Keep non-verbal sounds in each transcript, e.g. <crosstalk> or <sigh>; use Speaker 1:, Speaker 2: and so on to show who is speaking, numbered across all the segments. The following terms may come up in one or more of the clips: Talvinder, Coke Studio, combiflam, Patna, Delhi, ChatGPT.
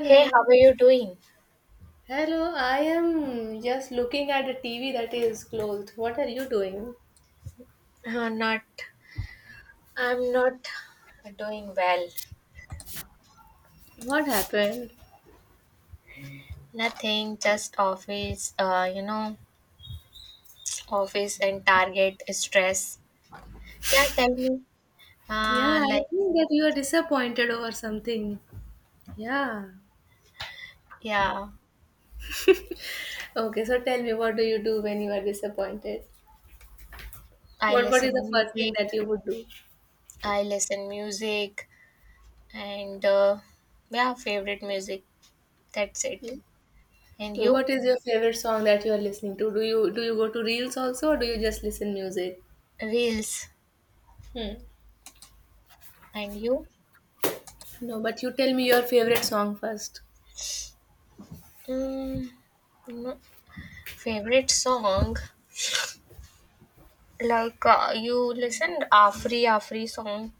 Speaker 1: Hey, how are you doing?
Speaker 2: Hello, I am just looking at a TV that is closed. What are you doing?
Speaker 1: Not, I'm not doing well.
Speaker 2: What happened?
Speaker 1: Nothing, just office, office and target stress. Yeah, tell me.
Speaker 2: Yeah,
Speaker 1: Uh,
Speaker 2: I
Speaker 1: like,
Speaker 2: think that you are disappointed over something. Yeah.
Speaker 1: yeah,
Speaker 2: Okay, so tell me, what do you do when you are disappointed?
Speaker 1: I
Speaker 2: What is
Speaker 1: listen
Speaker 2: the first thing
Speaker 1: music,
Speaker 2: that you would do?
Speaker 1: I listen music, and yeah, favorite music. That's it.
Speaker 2: Yeah.
Speaker 1: And you?
Speaker 2: What is your favorite song that you are listening to? Do you go to reels also, or do you just listen music?
Speaker 1: Reels.
Speaker 2: Hmm.
Speaker 1: And you?
Speaker 2: No, but you tell me your favorite song first.
Speaker 1: Mm, no, favorite song? You listened Afri Afri song?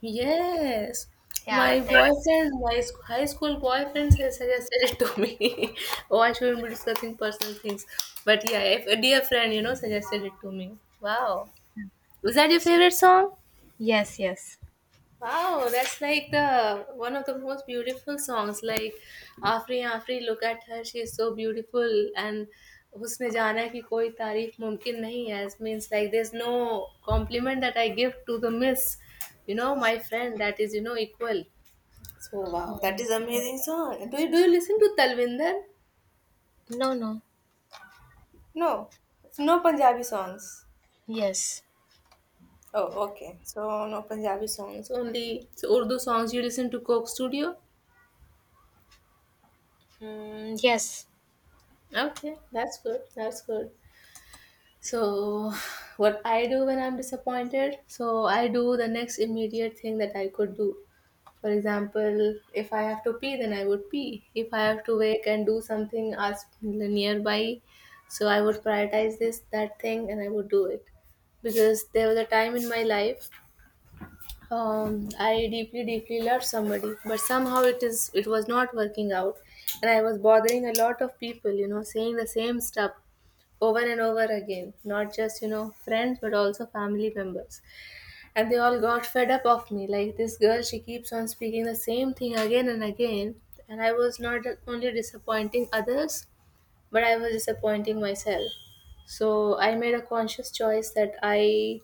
Speaker 2: Yes,
Speaker 1: Yeah, right?
Speaker 2: my
Speaker 1: that's
Speaker 2: boyfriend, my high school boyfriend has suggested <laughs> it to me. <laughs> Oh, I shouldn't be discussing personal things. But yeah, if a dear friend, you know, suggested it to me. Wow. Was that your favorite song?
Speaker 1: Yes, yes.
Speaker 2: Wow, that's like the one of the most beautiful songs. Like Afri Afri, look at her, she is so beautiful and उसने जाना है कि कोई तारीफ मुमकिन नहीं है, as means like there's no compliment that I give to the miss, you know, my friend that is, you know, equal. So wow, that
Speaker 1: Mm.
Speaker 2: is amazing song. Do you listen to Talvinder?
Speaker 1: No, no.
Speaker 2: No, no Punjabi songs.
Speaker 1: Yes.
Speaker 2: Oh, okay. So no Punjabi songs. Only so Urdu songs, you listen to Coke Studio?
Speaker 1: Mm, yes.
Speaker 2: Okay, that's good. That's good. So, what I do when I'm disappointed? So, I do the next immediate thing that I could do. For example, if I have to pee, then I would pee. If I have to wake and do something as nearby, so I would prioritize this, that thing, and I would do it. Because there was a time in my life, I deeply, deeply loved somebody, but somehow it was not working out, and I was bothering a lot of people. You know, saying the same stuff over and over again. Not just, you know, friends, but also family members, and they all got fed up of me. Like this girl, she keeps on speaking the same thing again and again, and I was not only disappointing others, but I was disappointing myself. So I made a conscious choice that I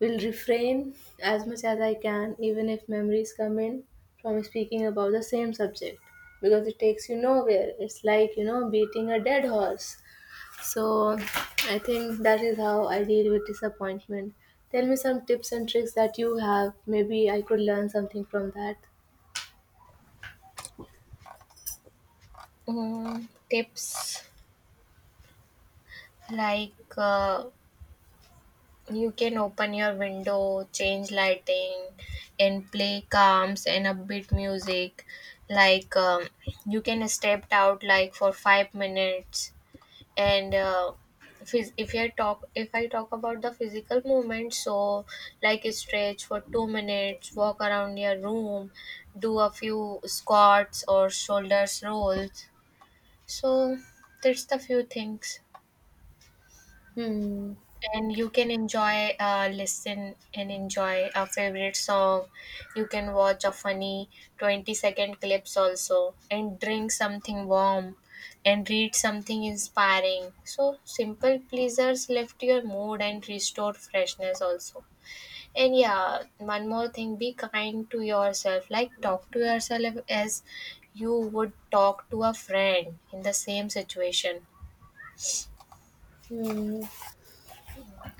Speaker 2: will refrain as much as I can, even if memories come in, from speaking about the same subject, because it takes you nowhere. It's like, you know, beating a dead horse. So I think that is how I deal with disappointment. Tell me some tips and tricks that you have. Maybe I could learn something from that.
Speaker 1: Mm, tips like uh, you can open your window, change lighting, and play calms and upbeat music. Like um, you can step out like for 5 minutes and if I talk about the physical movement, so like stretch for 2 minutes, walk around your room, do a few squats or shoulders rolls. So that's the few things,
Speaker 2: Hmm.
Speaker 1: and you can enjoy, listen and enjoy a favorite song. You can watch a funny 20-second clips also, and drink something warm, and read something inspiring. So simple pleasures lift your mood and restore freshness also. And yeah, one more thing, be kind to yourself, like talk to yourself as you would talk to a friend in the same situation.
Speaker 2: Hmm.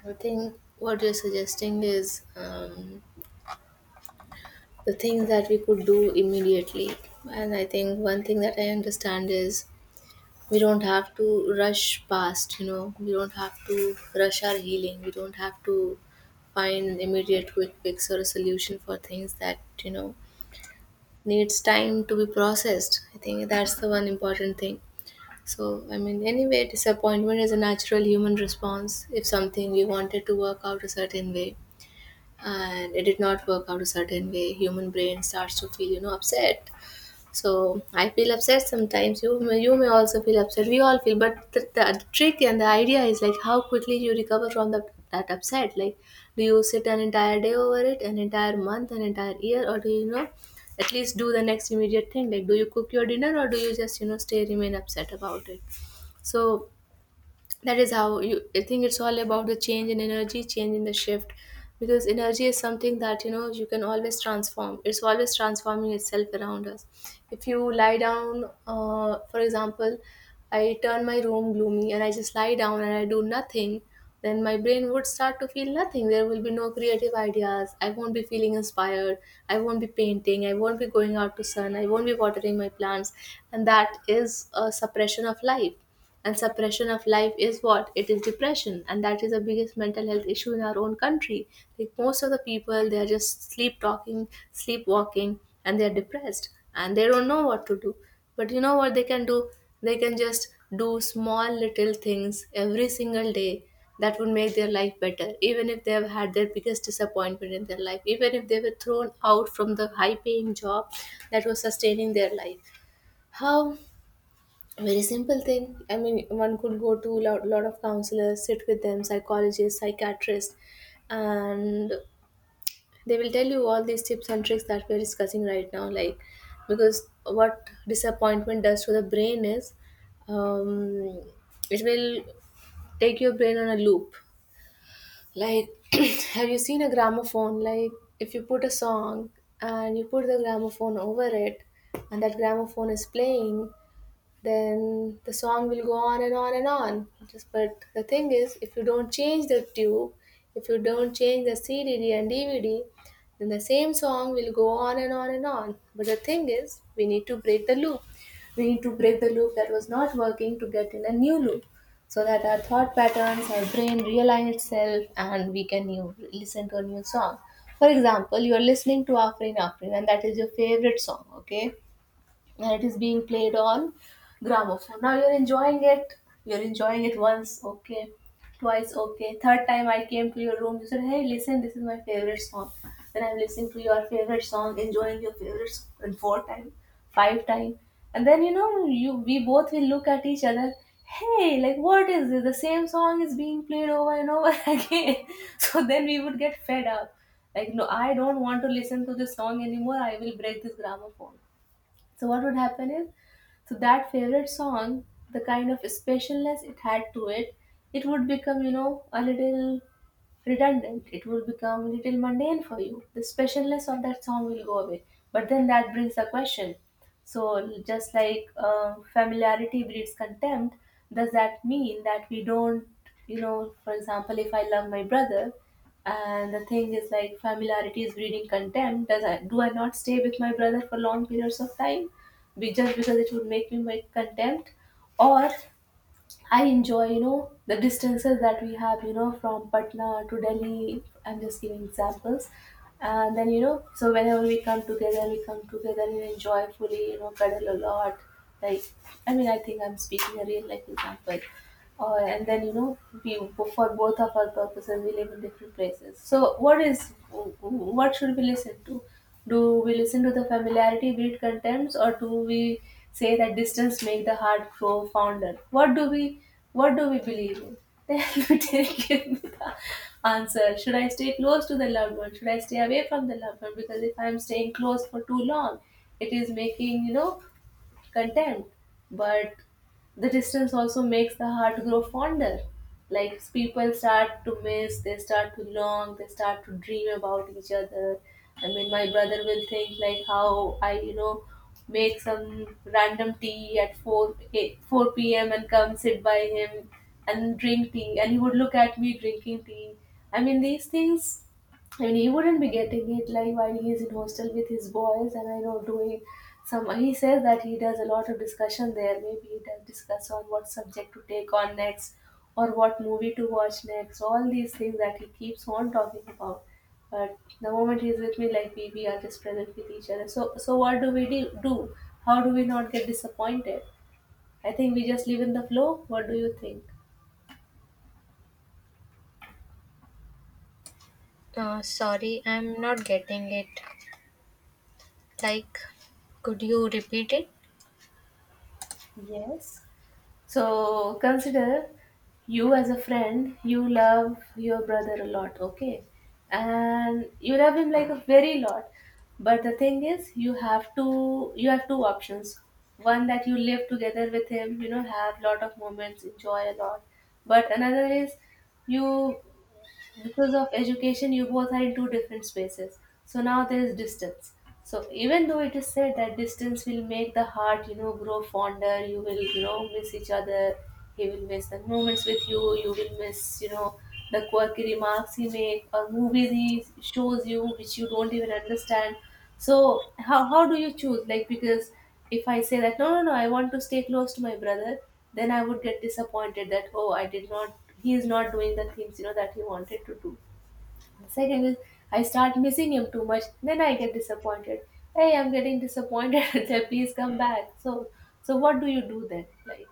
Speaker 2: I think what you're suggesting is the things that we could do immediately. And I think one thing that I understand is we don't have to rush past, you know, we don't have to rush our healing, we don't have to find immediate quick fix or a solution for things that, you know, needs time to be processed. I think that's the one important thing. So I mean, anyway, disappointment is a natural human response. If something we wanted to work out a certain way, and it did not work out a certain way, human brain starts to feel, you know, upset. So I feel upset sometimes. You may also feel upset. We all feel, but the trick and the idea is like how quickly you recover from that upset. Like, do you sit an entire day over it, an entire month, an entire year, or do you, you know, at least do the next immediate thing? Like, do you cook your dinner, or do you just, you know, stay remain upset about it? So that is how you, I think it's all about the change in energy, change in the shift, because energy is something that, you know, you can always transform. It's always transforming itself around us. If you lie down, for example, I turn my room gloomy and I just lie down and I do nothing, then my brain would start to feel nothing. There will be no creative ideas, I won't be feeling inspired, I won't be painting, I won't be going out to sun, I won't be watering my plants, and that is a suppression of life. And suppression of life is what it is, depression, and that is the biggest mental health issue in our own country. Like most of the people, they are just sleepwalking, and they are depressed and they don't know what to do. But you know what they can do, they can just do small little things every single day that would make their life better, even if they have had their biggest disappointment in their life, even if they were thrown out from the high paying job that was sustaining their life. How? Very simple thing. I mean, one could go to a lot of counselors, sit with them, psychologists, psychiatrists, and they will tell you all these tips and tricks that we're discussing right now. Like, because what disappointment does to the brain is, um, it will take your brain on a loop. Like, <clears throat> have you seen a gramophone? Like, if you put a song and you put the gramophone over it, and that gramophone is playing, then the song will go on and on and on. Just but the thing is, if you don't change the tube, if you don't change the CD and dvd, then the same song will go on and on and on. But the thing is, we need to break the loop. We need to break the loop that was not working, to get in a new loop, so that our thought patterns, our brain realign itself, and we can new, listen to a new song. For example, you are listening to afrin afrin and that is your favorite song, okay, and it is being played on gramophone. Now you're enjoying it. You're enjoying it once, okay, twice, okay. Third time I came to your room, you said, "Hey, listen, this is my favorite song." Then I'm listening to your favorite song, enjoying your favorite song. And four time, five time, and then you know, you we both will look at each other. Hey, like what is this? The same song is being played over and over <laughs> again. So then we would get fed up. Like, no, I don't want to listen to this song anymore. I will break this gramophone. So what would happen is, so that favorite song, the kind of specialness it had to it, it would become, you know, a little redundant. It will become a little mundane for you. The specialness of that song will go away. But then that brings a question. So, just like familiarity breeds contempt, does that mean that we don't, you know, for example, if I love my brother, and the thing is like familiarity is breeding contempt, do I not stay with my brother for long periods of time? Just because it would make me my contempt? Or I enjoy, you know, the distances that we have, you know, from Patna to Delhi. I'm just giving examples. And then, you know, so whenever we come together and enjoy fully, you know, cuddle a lot. Like, I mean, I think I'm speaking a real life example. And then, you know, we, for both of our purposes, we live in different places. So, what should we listen to? Do we listen to the familiarity breed contempts, or do we say that distance make the heart grow fonder? What do we believe in? <laughs> Tell give me the answer. Should I stay close to the loved one? Should I stay away from the loved one? Because if I'm staying close for too long, it is making, you know, content, but the distance also makes the heart grow fonder. Like people start to miss, they start to long, they start to dream about each other. I mean, my brother will think like how I, you know, make some random tea at 4 p.m. and come sit by him and drink tea. And he would look at me drinking tea. I mean, these things, and he wouldn't be getting it, like while he is in hostel with his boys, and I know doing some, he says that he does a lot of discussion there. Maybe he does discuss on what subject to take on next, or what movie to watch next, all these things that he keeps on talking about. But the moment he's with me, like we are just present with each other. So so what do we do, how do we not get disappointed? I think we just live in the flow. What do you think?
Speaker 1: Sorry, I'm not getting it. Like, could you repeat it?
Speaker 2: Yes. So consider you as a friend, you love your brother a lot, okay? And you love him like a very lot. But the thing is, you have two options. One that you live together with him, you know, have lot of moments, enjoy a lot. But another is you because of education you both are in two different spaces, so now there is distance. So even though it is said that distance will make the heart, you know, grow fonder, you will, you know, miss each other. He will miss the moments with you, you will miss, you know, the quirky remarks he make or movies he shows you which you don't even understand. So how do you choose, like, because if I say that no, no, no, I want to stay close to my brother, then I would get disappointed that, oh, I did not, he is not doing the things, you know, that he wanted to do. The second is I start missing him too much, then I get disappointed. Hey, I'm getting disappointed. <laughs> Then please come back. So, so what do you do then? Like,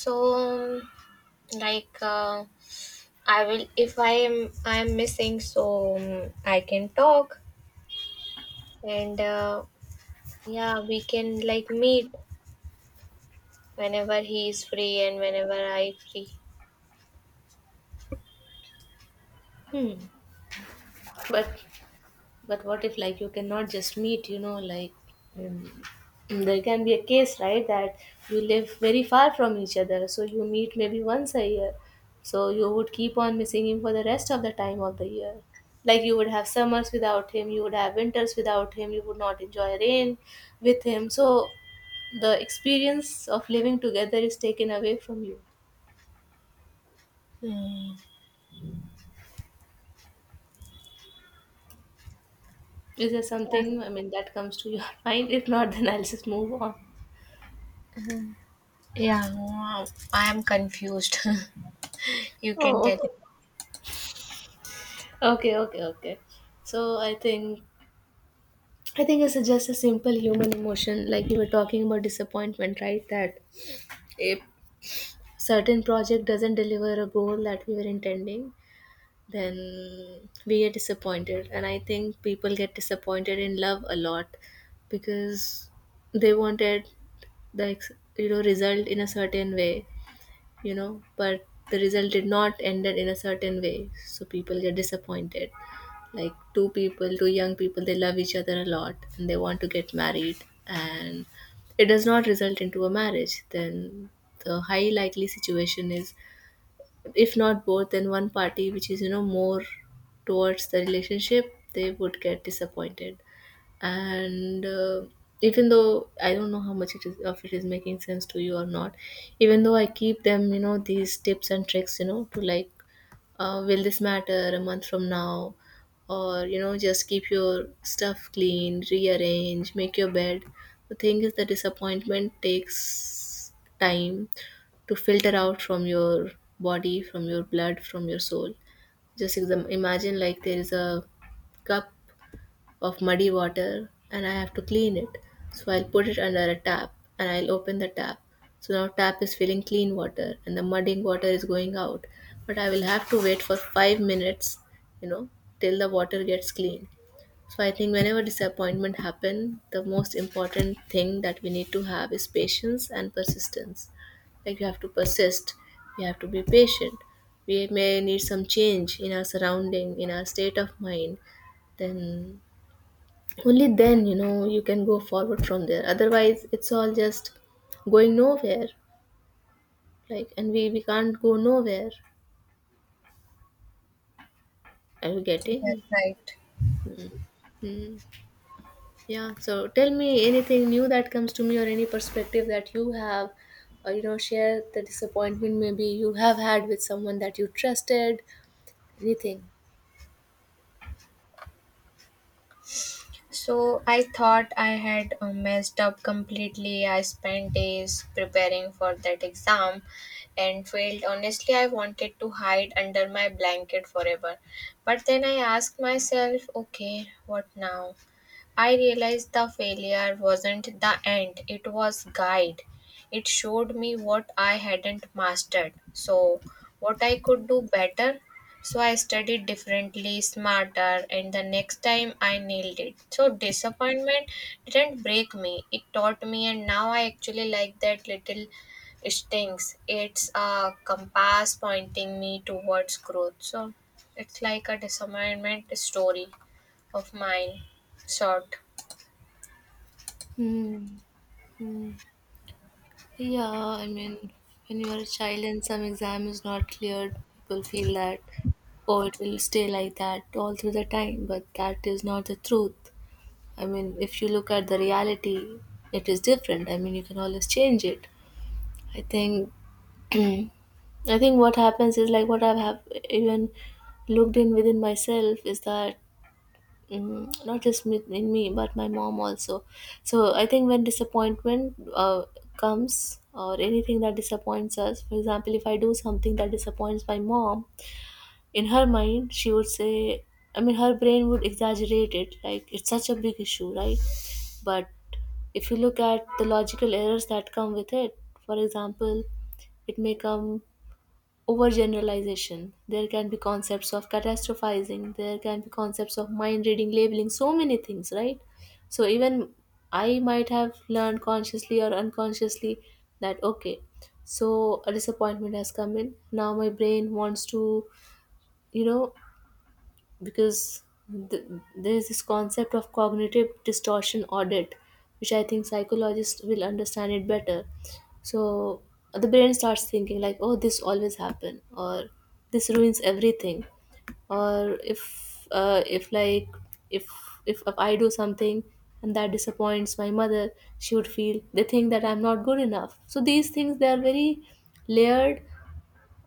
Speaker 1: So, like, uh, I will if I am missing, so I can talk, and yeah, we can like meet whenever he is free and whenever I free.
Speaker 2: hmm. But But what if, like, you cannot just meet, you know, like um, there can be a case, right, that you live very far from each other, so you meet maybe once a year. So you would keep on missing him for the rest of the time of the year. Like you would have summers without him, you would have winters without him, you would not enjoy rain with him. So the experience of living together is taken away from you.
Speaker 1: Hmm.
Speaker 2: Is there something, I mean, that comes to your <laughs> mind? If not, then I'll just move on.
Speaker 1: Yeah, wow. I am confused. <laughs> You can
Speaker 2: Oh, okay.
Speaker 1: tell.
Speaker 2: Okay, okay, okay. So I think it's just a simple human emotion, like you were talking about disappointment, right? That if certain project doesn't deliver a goal that we were intending, then we get disappointed. And I think people get disappointed in love a lot because they wanted the ex- you know, result in a certain way, you know, but the result did not ended in a certain way, so people get disappointed. Like two people, two young people, they love each other a lot and they want to get married, and it does not result into a marriage, then the high likely situation is, if not both, then one party which is, you know, more towards the relationship, they would get disappointed. And even though I don't know how much it is of it is making sense to you or not, even though I keep them, you know, these tips and tricks, you know, to like, will this matter a month from now, or, you know, just keep your stuff clean, rearrange, make your bed. The thing is, the disappointment takes time to filter out from your body, from your blood, from your soul. Just imagine, like, there is a cup of muddy water and I have to clean it. So I'll put it under a tap and I'll open the tap. So now tap is filling clean water and the muddy water is going out. But I will have to wait for five minutes, you know, till the water gets clean. So I think whenever disappointment happen, the most important thing that we need to have is patience and persistence. Like you have to persist, you have to be patient. We may need some change in our surrounding, in our state of mind, then only then, you know, you can go forward from there, otherwise it's all just going nowhere. Like, and we can't go nowhere. Are you
Speaker 1: That's
Speaker 2: getting
Speaker 1: right.
Speaker 2: mm. Mm. Yeah, so tell me anything new that comes to me or any perspective that you have, or, you know, share the disappointment maybe you have had with someone that you trusted, anything.
Speaker 1: So I thought I had messed up completely. I spent days preparing for that exam and failed. Honestly, I wanted to hide under my blanket forever. But then I asked myself, okay, what now? I realized the failure wasn't the end, it was guide. It showed me what I hadn't mastered, so what I could do better. So I studied differently, smarter, and the next time I nailed it. So disappointment didn't break me, it taught me, and now I actually like that little stings. It's a compass pointing me towards growth. So it's like a disappointment story of mine, sort.
Speaker 2: Hmm. Hmm. Yeah, I mean, when you are a child and some exam is not cleared, people feel that, oh, it will stay like that all through the time, but that is not the truth. I mean, if you look at the reality, it is different. I mean, you can always change it. I think, <clears throat> I think what happens is, like, what I have even looked in within myself is that mm, not just with in me but my mom also. So I think when disappointment comes or anything that disappoints us, for example, if I do something that disappoints my mom, in her mind she would say, I mean, her brain would exaggerate it, like it's such a big issue, right? But if you look at the logical errors that come with it, for example, it may come overgeneralization, there can be concepts of catastrophizing, there can be concepts of mind reading, labeling, so many things, right? So even I might have learned consciously or unconsciously that, okay, so a disappointment has come in, now my brain wants to, you know, because th- there is this concept of cognitive distortion audit, which I think psychologists will understand it better. So the brain starts thinking like, oh, this always happen, or this ruins everything, or if if, like, if, if I do something and that disappoints my mother, she would feel they think that I'm not good enough. So these things, they are very layered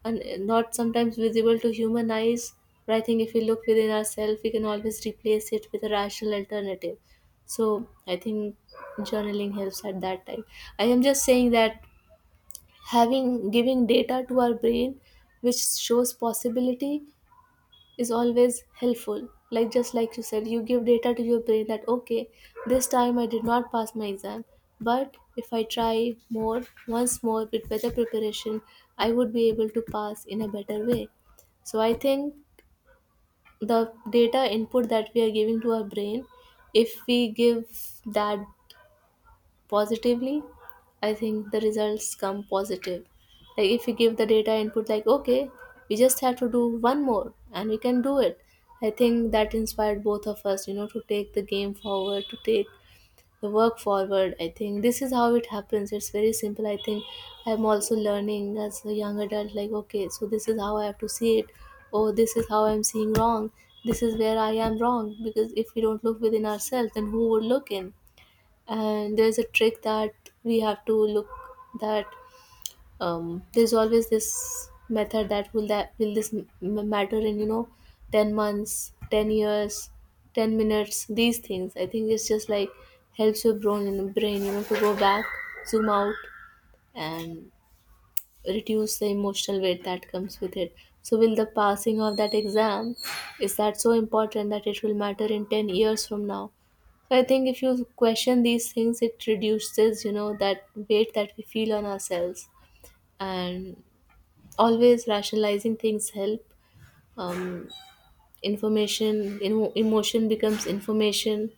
Speaker 2: and not sometimes visible to human eyes. But I think if we look within ourselves, we can always replace it with a rational alternative. So I think journaling helps at that time. I am just saying that having giving data to our brain, which shows possibility, is always helpful. Like, just like you said, you give data to your brain that, okay, this time I did not pass my exam, but if I try more, once more, with better preparation, I would be able to pass in a better way. So I think the data input that we are giving to our brain, if we give that positively, I think the results come positive. Like if you give the data input like, okay, we just have to do one more and we can do it, I think that inspired both of us, you know, to take the game forward, to take the work forward. I think this is how it happens. It's very simple, I think. I'm also learning as a young adult, like, okay, so this is how I have to see it, oh, this is how I'm seeing wrong, this is where I am wrong, because if we don't look within ourselves then who would look in? And there's a trick that we have to look that there's always this method that will this matter in, you know, 10 months, 10 years, 10 minutes. These things, I think it's just like helps your brain in the brain, you know, to go back, zoom out, and reduce the emotional weight that comes with it. So, will the passing of that exam is that so important that it will matter in 10 years from now? So, I think if you question these things, it reduces, you know, that weight that we feel on ourselves. And always rationalizing things help. Um, information, you know, emotion becomes information,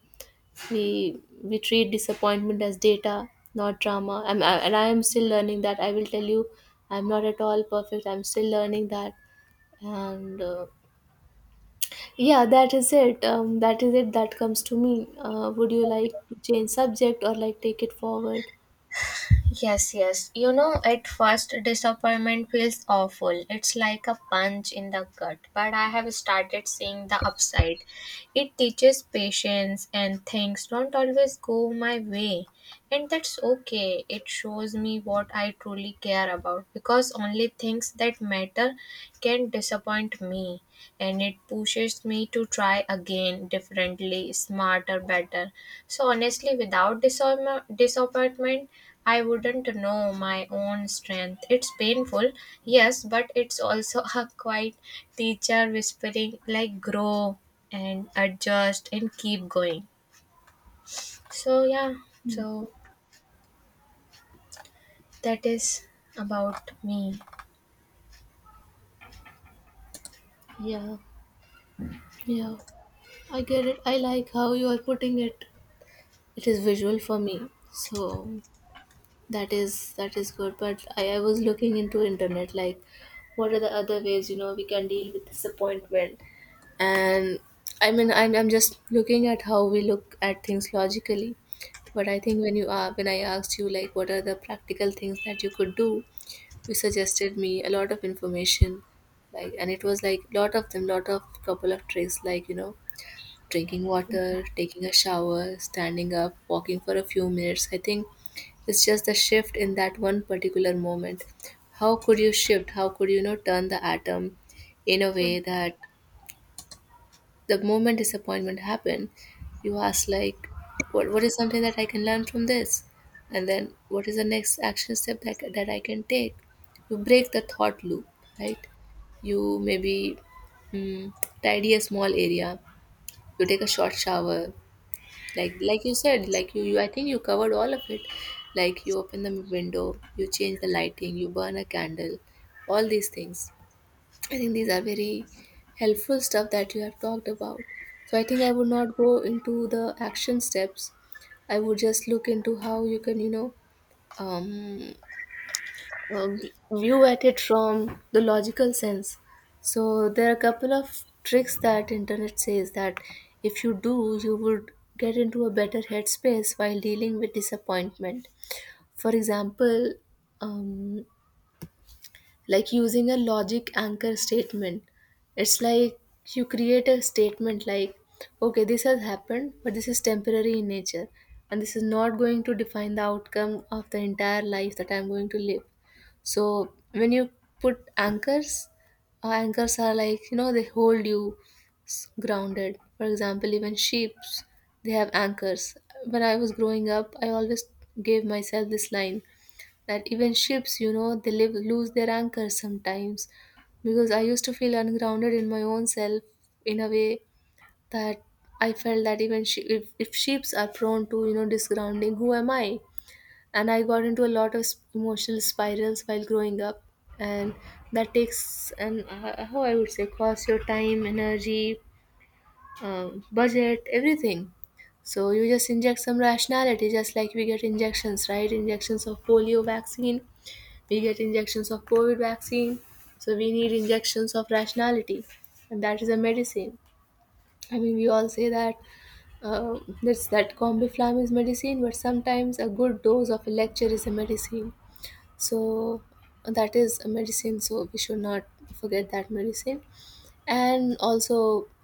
Speaker 2: we treat disappointment as data, not drama. I'm, I, and I am still learning that, I will tell you. I'm not at all perfect, I'm still learning that. And yeah, that is it. That is it that comes to me. Would you like to change subject or like take it forward?
Speaker 1: Yes, yes. You know, at first, disappointment feels awful. It's like a punch in the gut. But I have started seeing the upside. It teaches patience, and things don't always go my way. And that's okay. It shows me what I truly care about, because only things that matter can disappoint me, and it pushes me to try again, differently, smarter, better. So honestly, without disappointment I wouldn't know my own strength. It's painful, yes, but it's also <laughs> a quiet teacher whispering like grow and adjust and keep going. So yeah, so that is about me.
Speaker 2: Yeah, yeah, I get it. I like how you are putting it. It is visual for me. So that is that is good, but I was looking into internet like what are the other ways, you know, we can deal with disappointment. And I mean, I'm just looking at how we look at things logically. But I think when you are, when I asked you like what are the practical things that you could do, you suggested me a lot of information, like, and it was like lot of them, lot of couple of tricks, like, you know, drinking water, taking a shower, standing up, walking for a few minutes. I think it's just the shift in that one particular moment. How could you shift? How could you, you know, turn the atom in a way that the moment disappointment happened, you ask like, what is something that I can learn from this? And then what is the next action step that, that I can take? You break the thought loop, right? You maybe mm, tidy a small area, you take a short shower, like you said, like you I think you covered all of it, like you open the window, you change the lighting, you burn a candle, all these things. I think these are very helpful stuff that you have talked about. So I think I would not go into the action steps. I would just look into how you can um uh, view at it from the logical sense. So there are a couple of tricks that internet says that if you do, you would get into a better headspace while dealing with disappointment. For example, um, like using a logic anchor statement. It's like you create a statement like, okay, this has happened, but this is temporary in nature, and this is not going to define the outcome of the entire life that I'm going to live. So when you put anchors, anchors are, like, you know, they hold you grounded. For example, even sheep's, they have anchors. When I was growing up, I always gave myself this line that even ships, you know, they live, lose their anchors sometimes because I used to feel ungrounded in my own self in a way, that I felt that even she, if sheeps are prone to, you know, disgrounding, who am I? And I got into a lot of emotional spirals while growing up, and that takes an how I would say, cost your time, energy, budget, everything. So you just inject some rationality, just like we get injections, right? Injections of polio vaccine, we get injections of COVID vaccine, so we need injections of rationality. And that is a medicine. I mean, we all say that, this that combiflam is medicine, but sometimes a good dose of a lecture is a medicine. So that is a medicine, so we should not forget that medicine. And also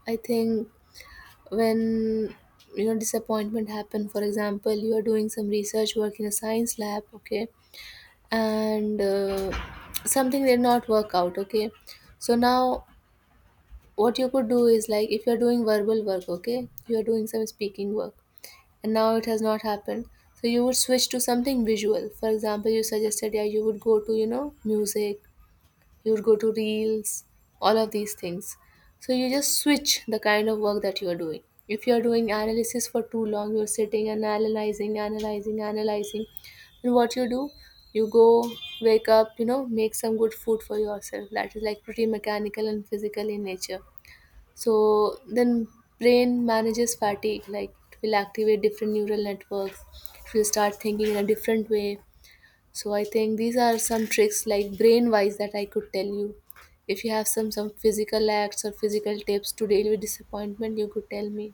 Speaker 2: I think, when, you know, disappointment happen, for example, you are doing some research work in a science lab, okay, and something did not work out, okay. So now what you could do is, like, if you're doing verbal work, okay, you're doing some speaking work and now it has not happened, so you would switch to something visual. For example, you suggested, yeah, you would go to, you know, music, you would go to reels, all of these things. So you just switch the kind of work that you are doing. If you are doing analysis for too long, you're sitting and analyzing, analyzing, analyzing. Then what you do? You go, wake up, you know, make some good food for yourself. That is like pretty mechanical and physical in nature. So then brain manages fatigue, like it will activate different neural networks. It will start thinking in a different way. So I think these are some tricks, like brain wise, that I could tell you. If you have some physical acts or physical tips to deal with disappointment, you could tell me.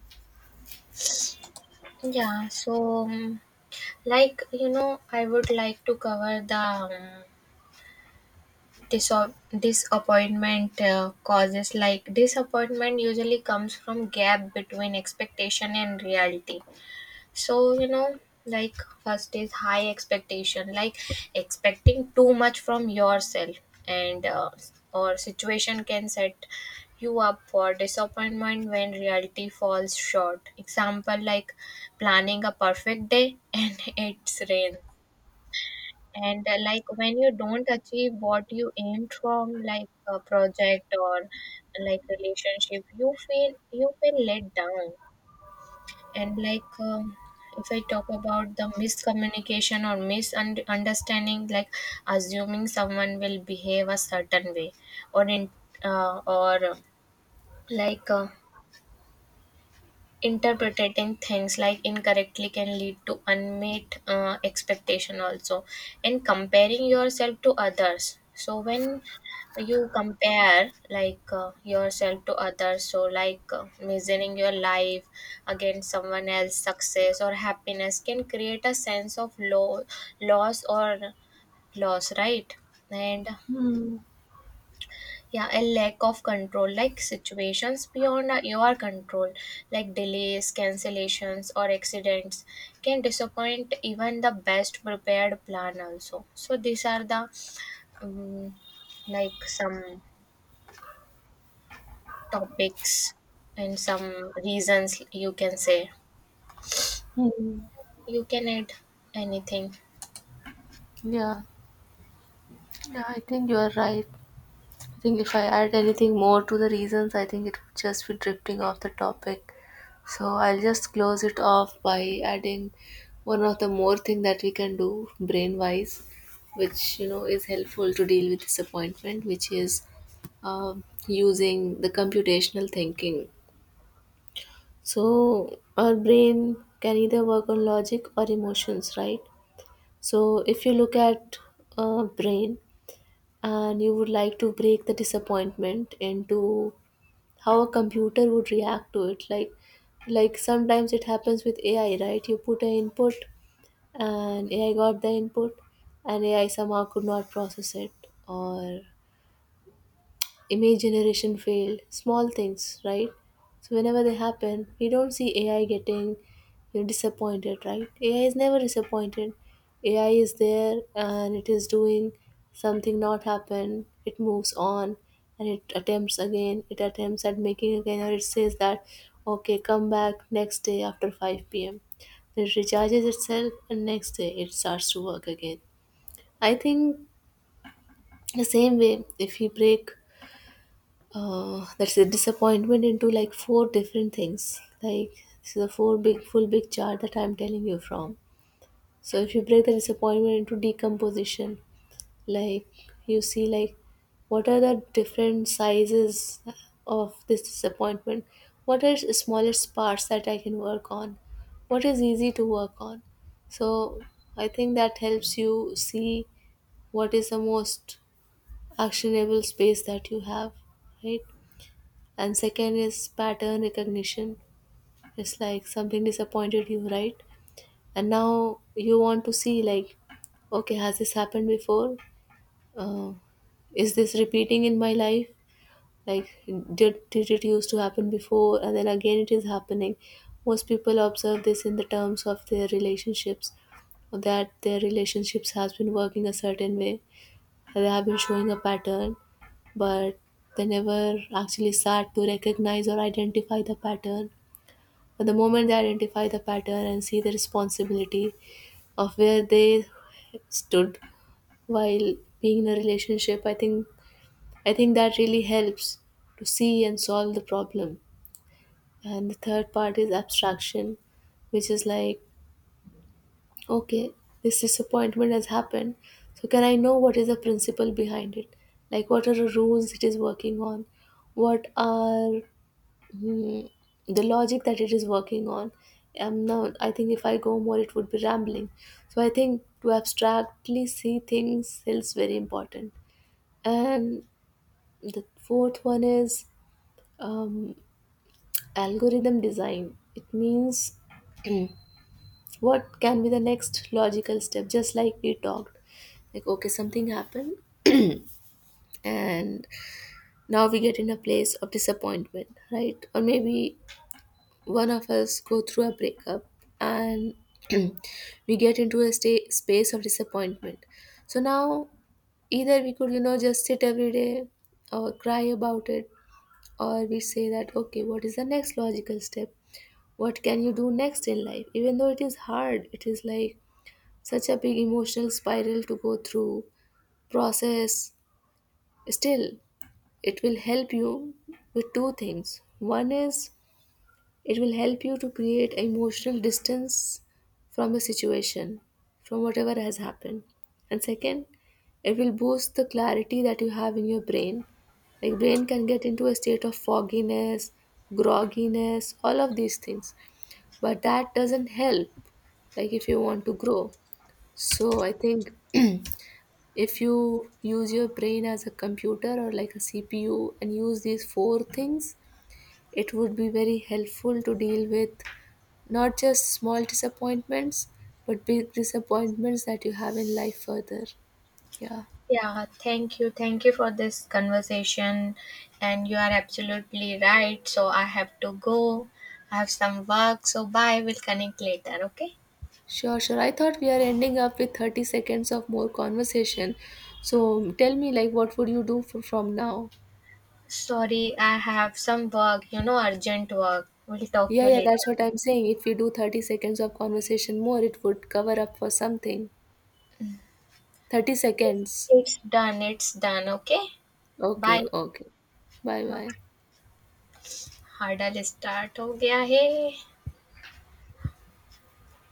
Speaker 1: Yeah, so um, like you know, I would like to cover the um, disappointment causes. Like disappointment usually comes from gap between expectation and reality. So you know, like first is high expectation, like expecting too much from yourself and or situation can set you up for disappointment when reality falls short. Example, like planning a perfect day <laughs> and it's rain. And like when you don't achieve what you aimed from, like a project or like relationship, you feel let down. And if I talk about the miscommunication or misunderstanding, like assuming someone will behave a certain way, or in or like interpreting things like incorrectly can lead to unmet expectation also. And comparing yourself to others. So when you compare yourself to others, so measuring your life against someone else's success or happiness can create a sense of low, loss, or loss, right? And
Speaker 2: Hmm.
Speaker 1: yeah, a lack of control, like situations beyond your control, like delays, cancellations, or accidents can disappoint even the best prepared plan also. So these are the um, like some topics and some reasons, you can say.
Speaker 2: Hmm.
Speaker 1: You can add anything.
Speaker 2: Yeah. Yeah, I think you are right. I think if I add anything more to the reasons, I think it would just be drifting off the topic. So I'll just close it off by adding one of the more thing that we can do brain wise, which, you know, is helpful to deal with disappointment, which is using the computational thinking. So our brain can either work on logic or emotions, right? So if you look at a brain, and you would like to break the disappointment into how a computer would react to it, like sometimes it happens with AI, right? You put an input and AI got the input, and AI somehow could not process it, or image generation failed, small things, right? So whenever they happen, we don't see AI getting, you know, disappointed, right? AI is never disappointed. AI is there and it is doing something, not happen. It moves on and it attempts again. It attempts at making again, or it says that, okay, come back next day after 5 p.m. Then it recharges itself, and next day it starts to work again. I think the same way, if we break that's a disappointment into like 4 different things. Like this is a 4 big full big chart that I'm telling you from. So if you break the disappointment into decomposition, like, you see like what are the different sizes of this disappointment? What are the smallest parts that I can work on? What is easy to work on? So I think that helps you see what is the most actionable space that you have, right? And second is pattern recognition. It's like something disappointed you, right? And now you want to see like, okay, has this happened before? uh, is this repeating in my life? Like did it used to happen before and then again it is happening? Most people observe this in the terms of their relationships, that their relationships has been working a certain way, they have been showing a pattern, but they never actually sat to recognize or identify the pattern. But the moment they identify the pattern and see the responsibility of where they stood while being in a relationship, I think, I think that really helps to see and solve the problem. And the third part is abstraction, which is like, okay, this disappointment has happened. So, can I know what is the principle behind it? Like, what are the rules it is working on? What are, hmm, the logic that it is working on? Now, I think if I go more, it would be rambling. So, I think to abstractly see things is very important. And the fourth one is um, algorithm design. It means what can be the next logical step, just like we talked, like, okay, something happened and now we get in a place of disappointment, right? Or maybe one of us go through a breakup, and <clears throat> we get into a space of disappointment. So now either we could, you know, just sit every day or cry about it, or we say that, okay, what is the next logical step, what can you do next in life? Even though it is hard, it is like such a big emotional spiral to go through process, still it will help you with 2 things. One is, it will help you to create emotional distance from a situation, from whatever has happened. And second, it will boost the clarity that you have in your brain. Like brain can get into a state of fogginess, grogginess, all of these things, but that doesn't help, like, if you want to grow. So I think if you use your brain as a computer or like a CPU and use these 4 things, it would be very helpful to deal with not just small disappointments, but big disappointments that you have in life further. Yeah.
Speaker 1: Yeah, thank you. Thank you for this conversation. And you are absolutely right. So I have to go. I have some work. So bye. We'll connect later. Okay.
Speaker 2: Sure, sure. I thought we are ending up with 30 seconds of more conversation. So tell me, like, what would you do f from now?
Speaker 1: Sorry, I have some work, you know, urgent work. We'll talk
Speaker 2: Yeah,
Speaker 1: you
Speaker 2: yeah, that's
Speaker 1: later.
Speaker 2: what I'm saying. If we do 30 seconds of conversation more, it would cover up for something. 30 seconds.
Speaker 1: It's done. It's done. Okay.
Speaker 2: Okay,
Speaker 1: Bye.
Speaker 2: okay. Bye
Speaker 1: हाँ,
Speaker 2: bye.
Speaker 1: Huddle start हो गया है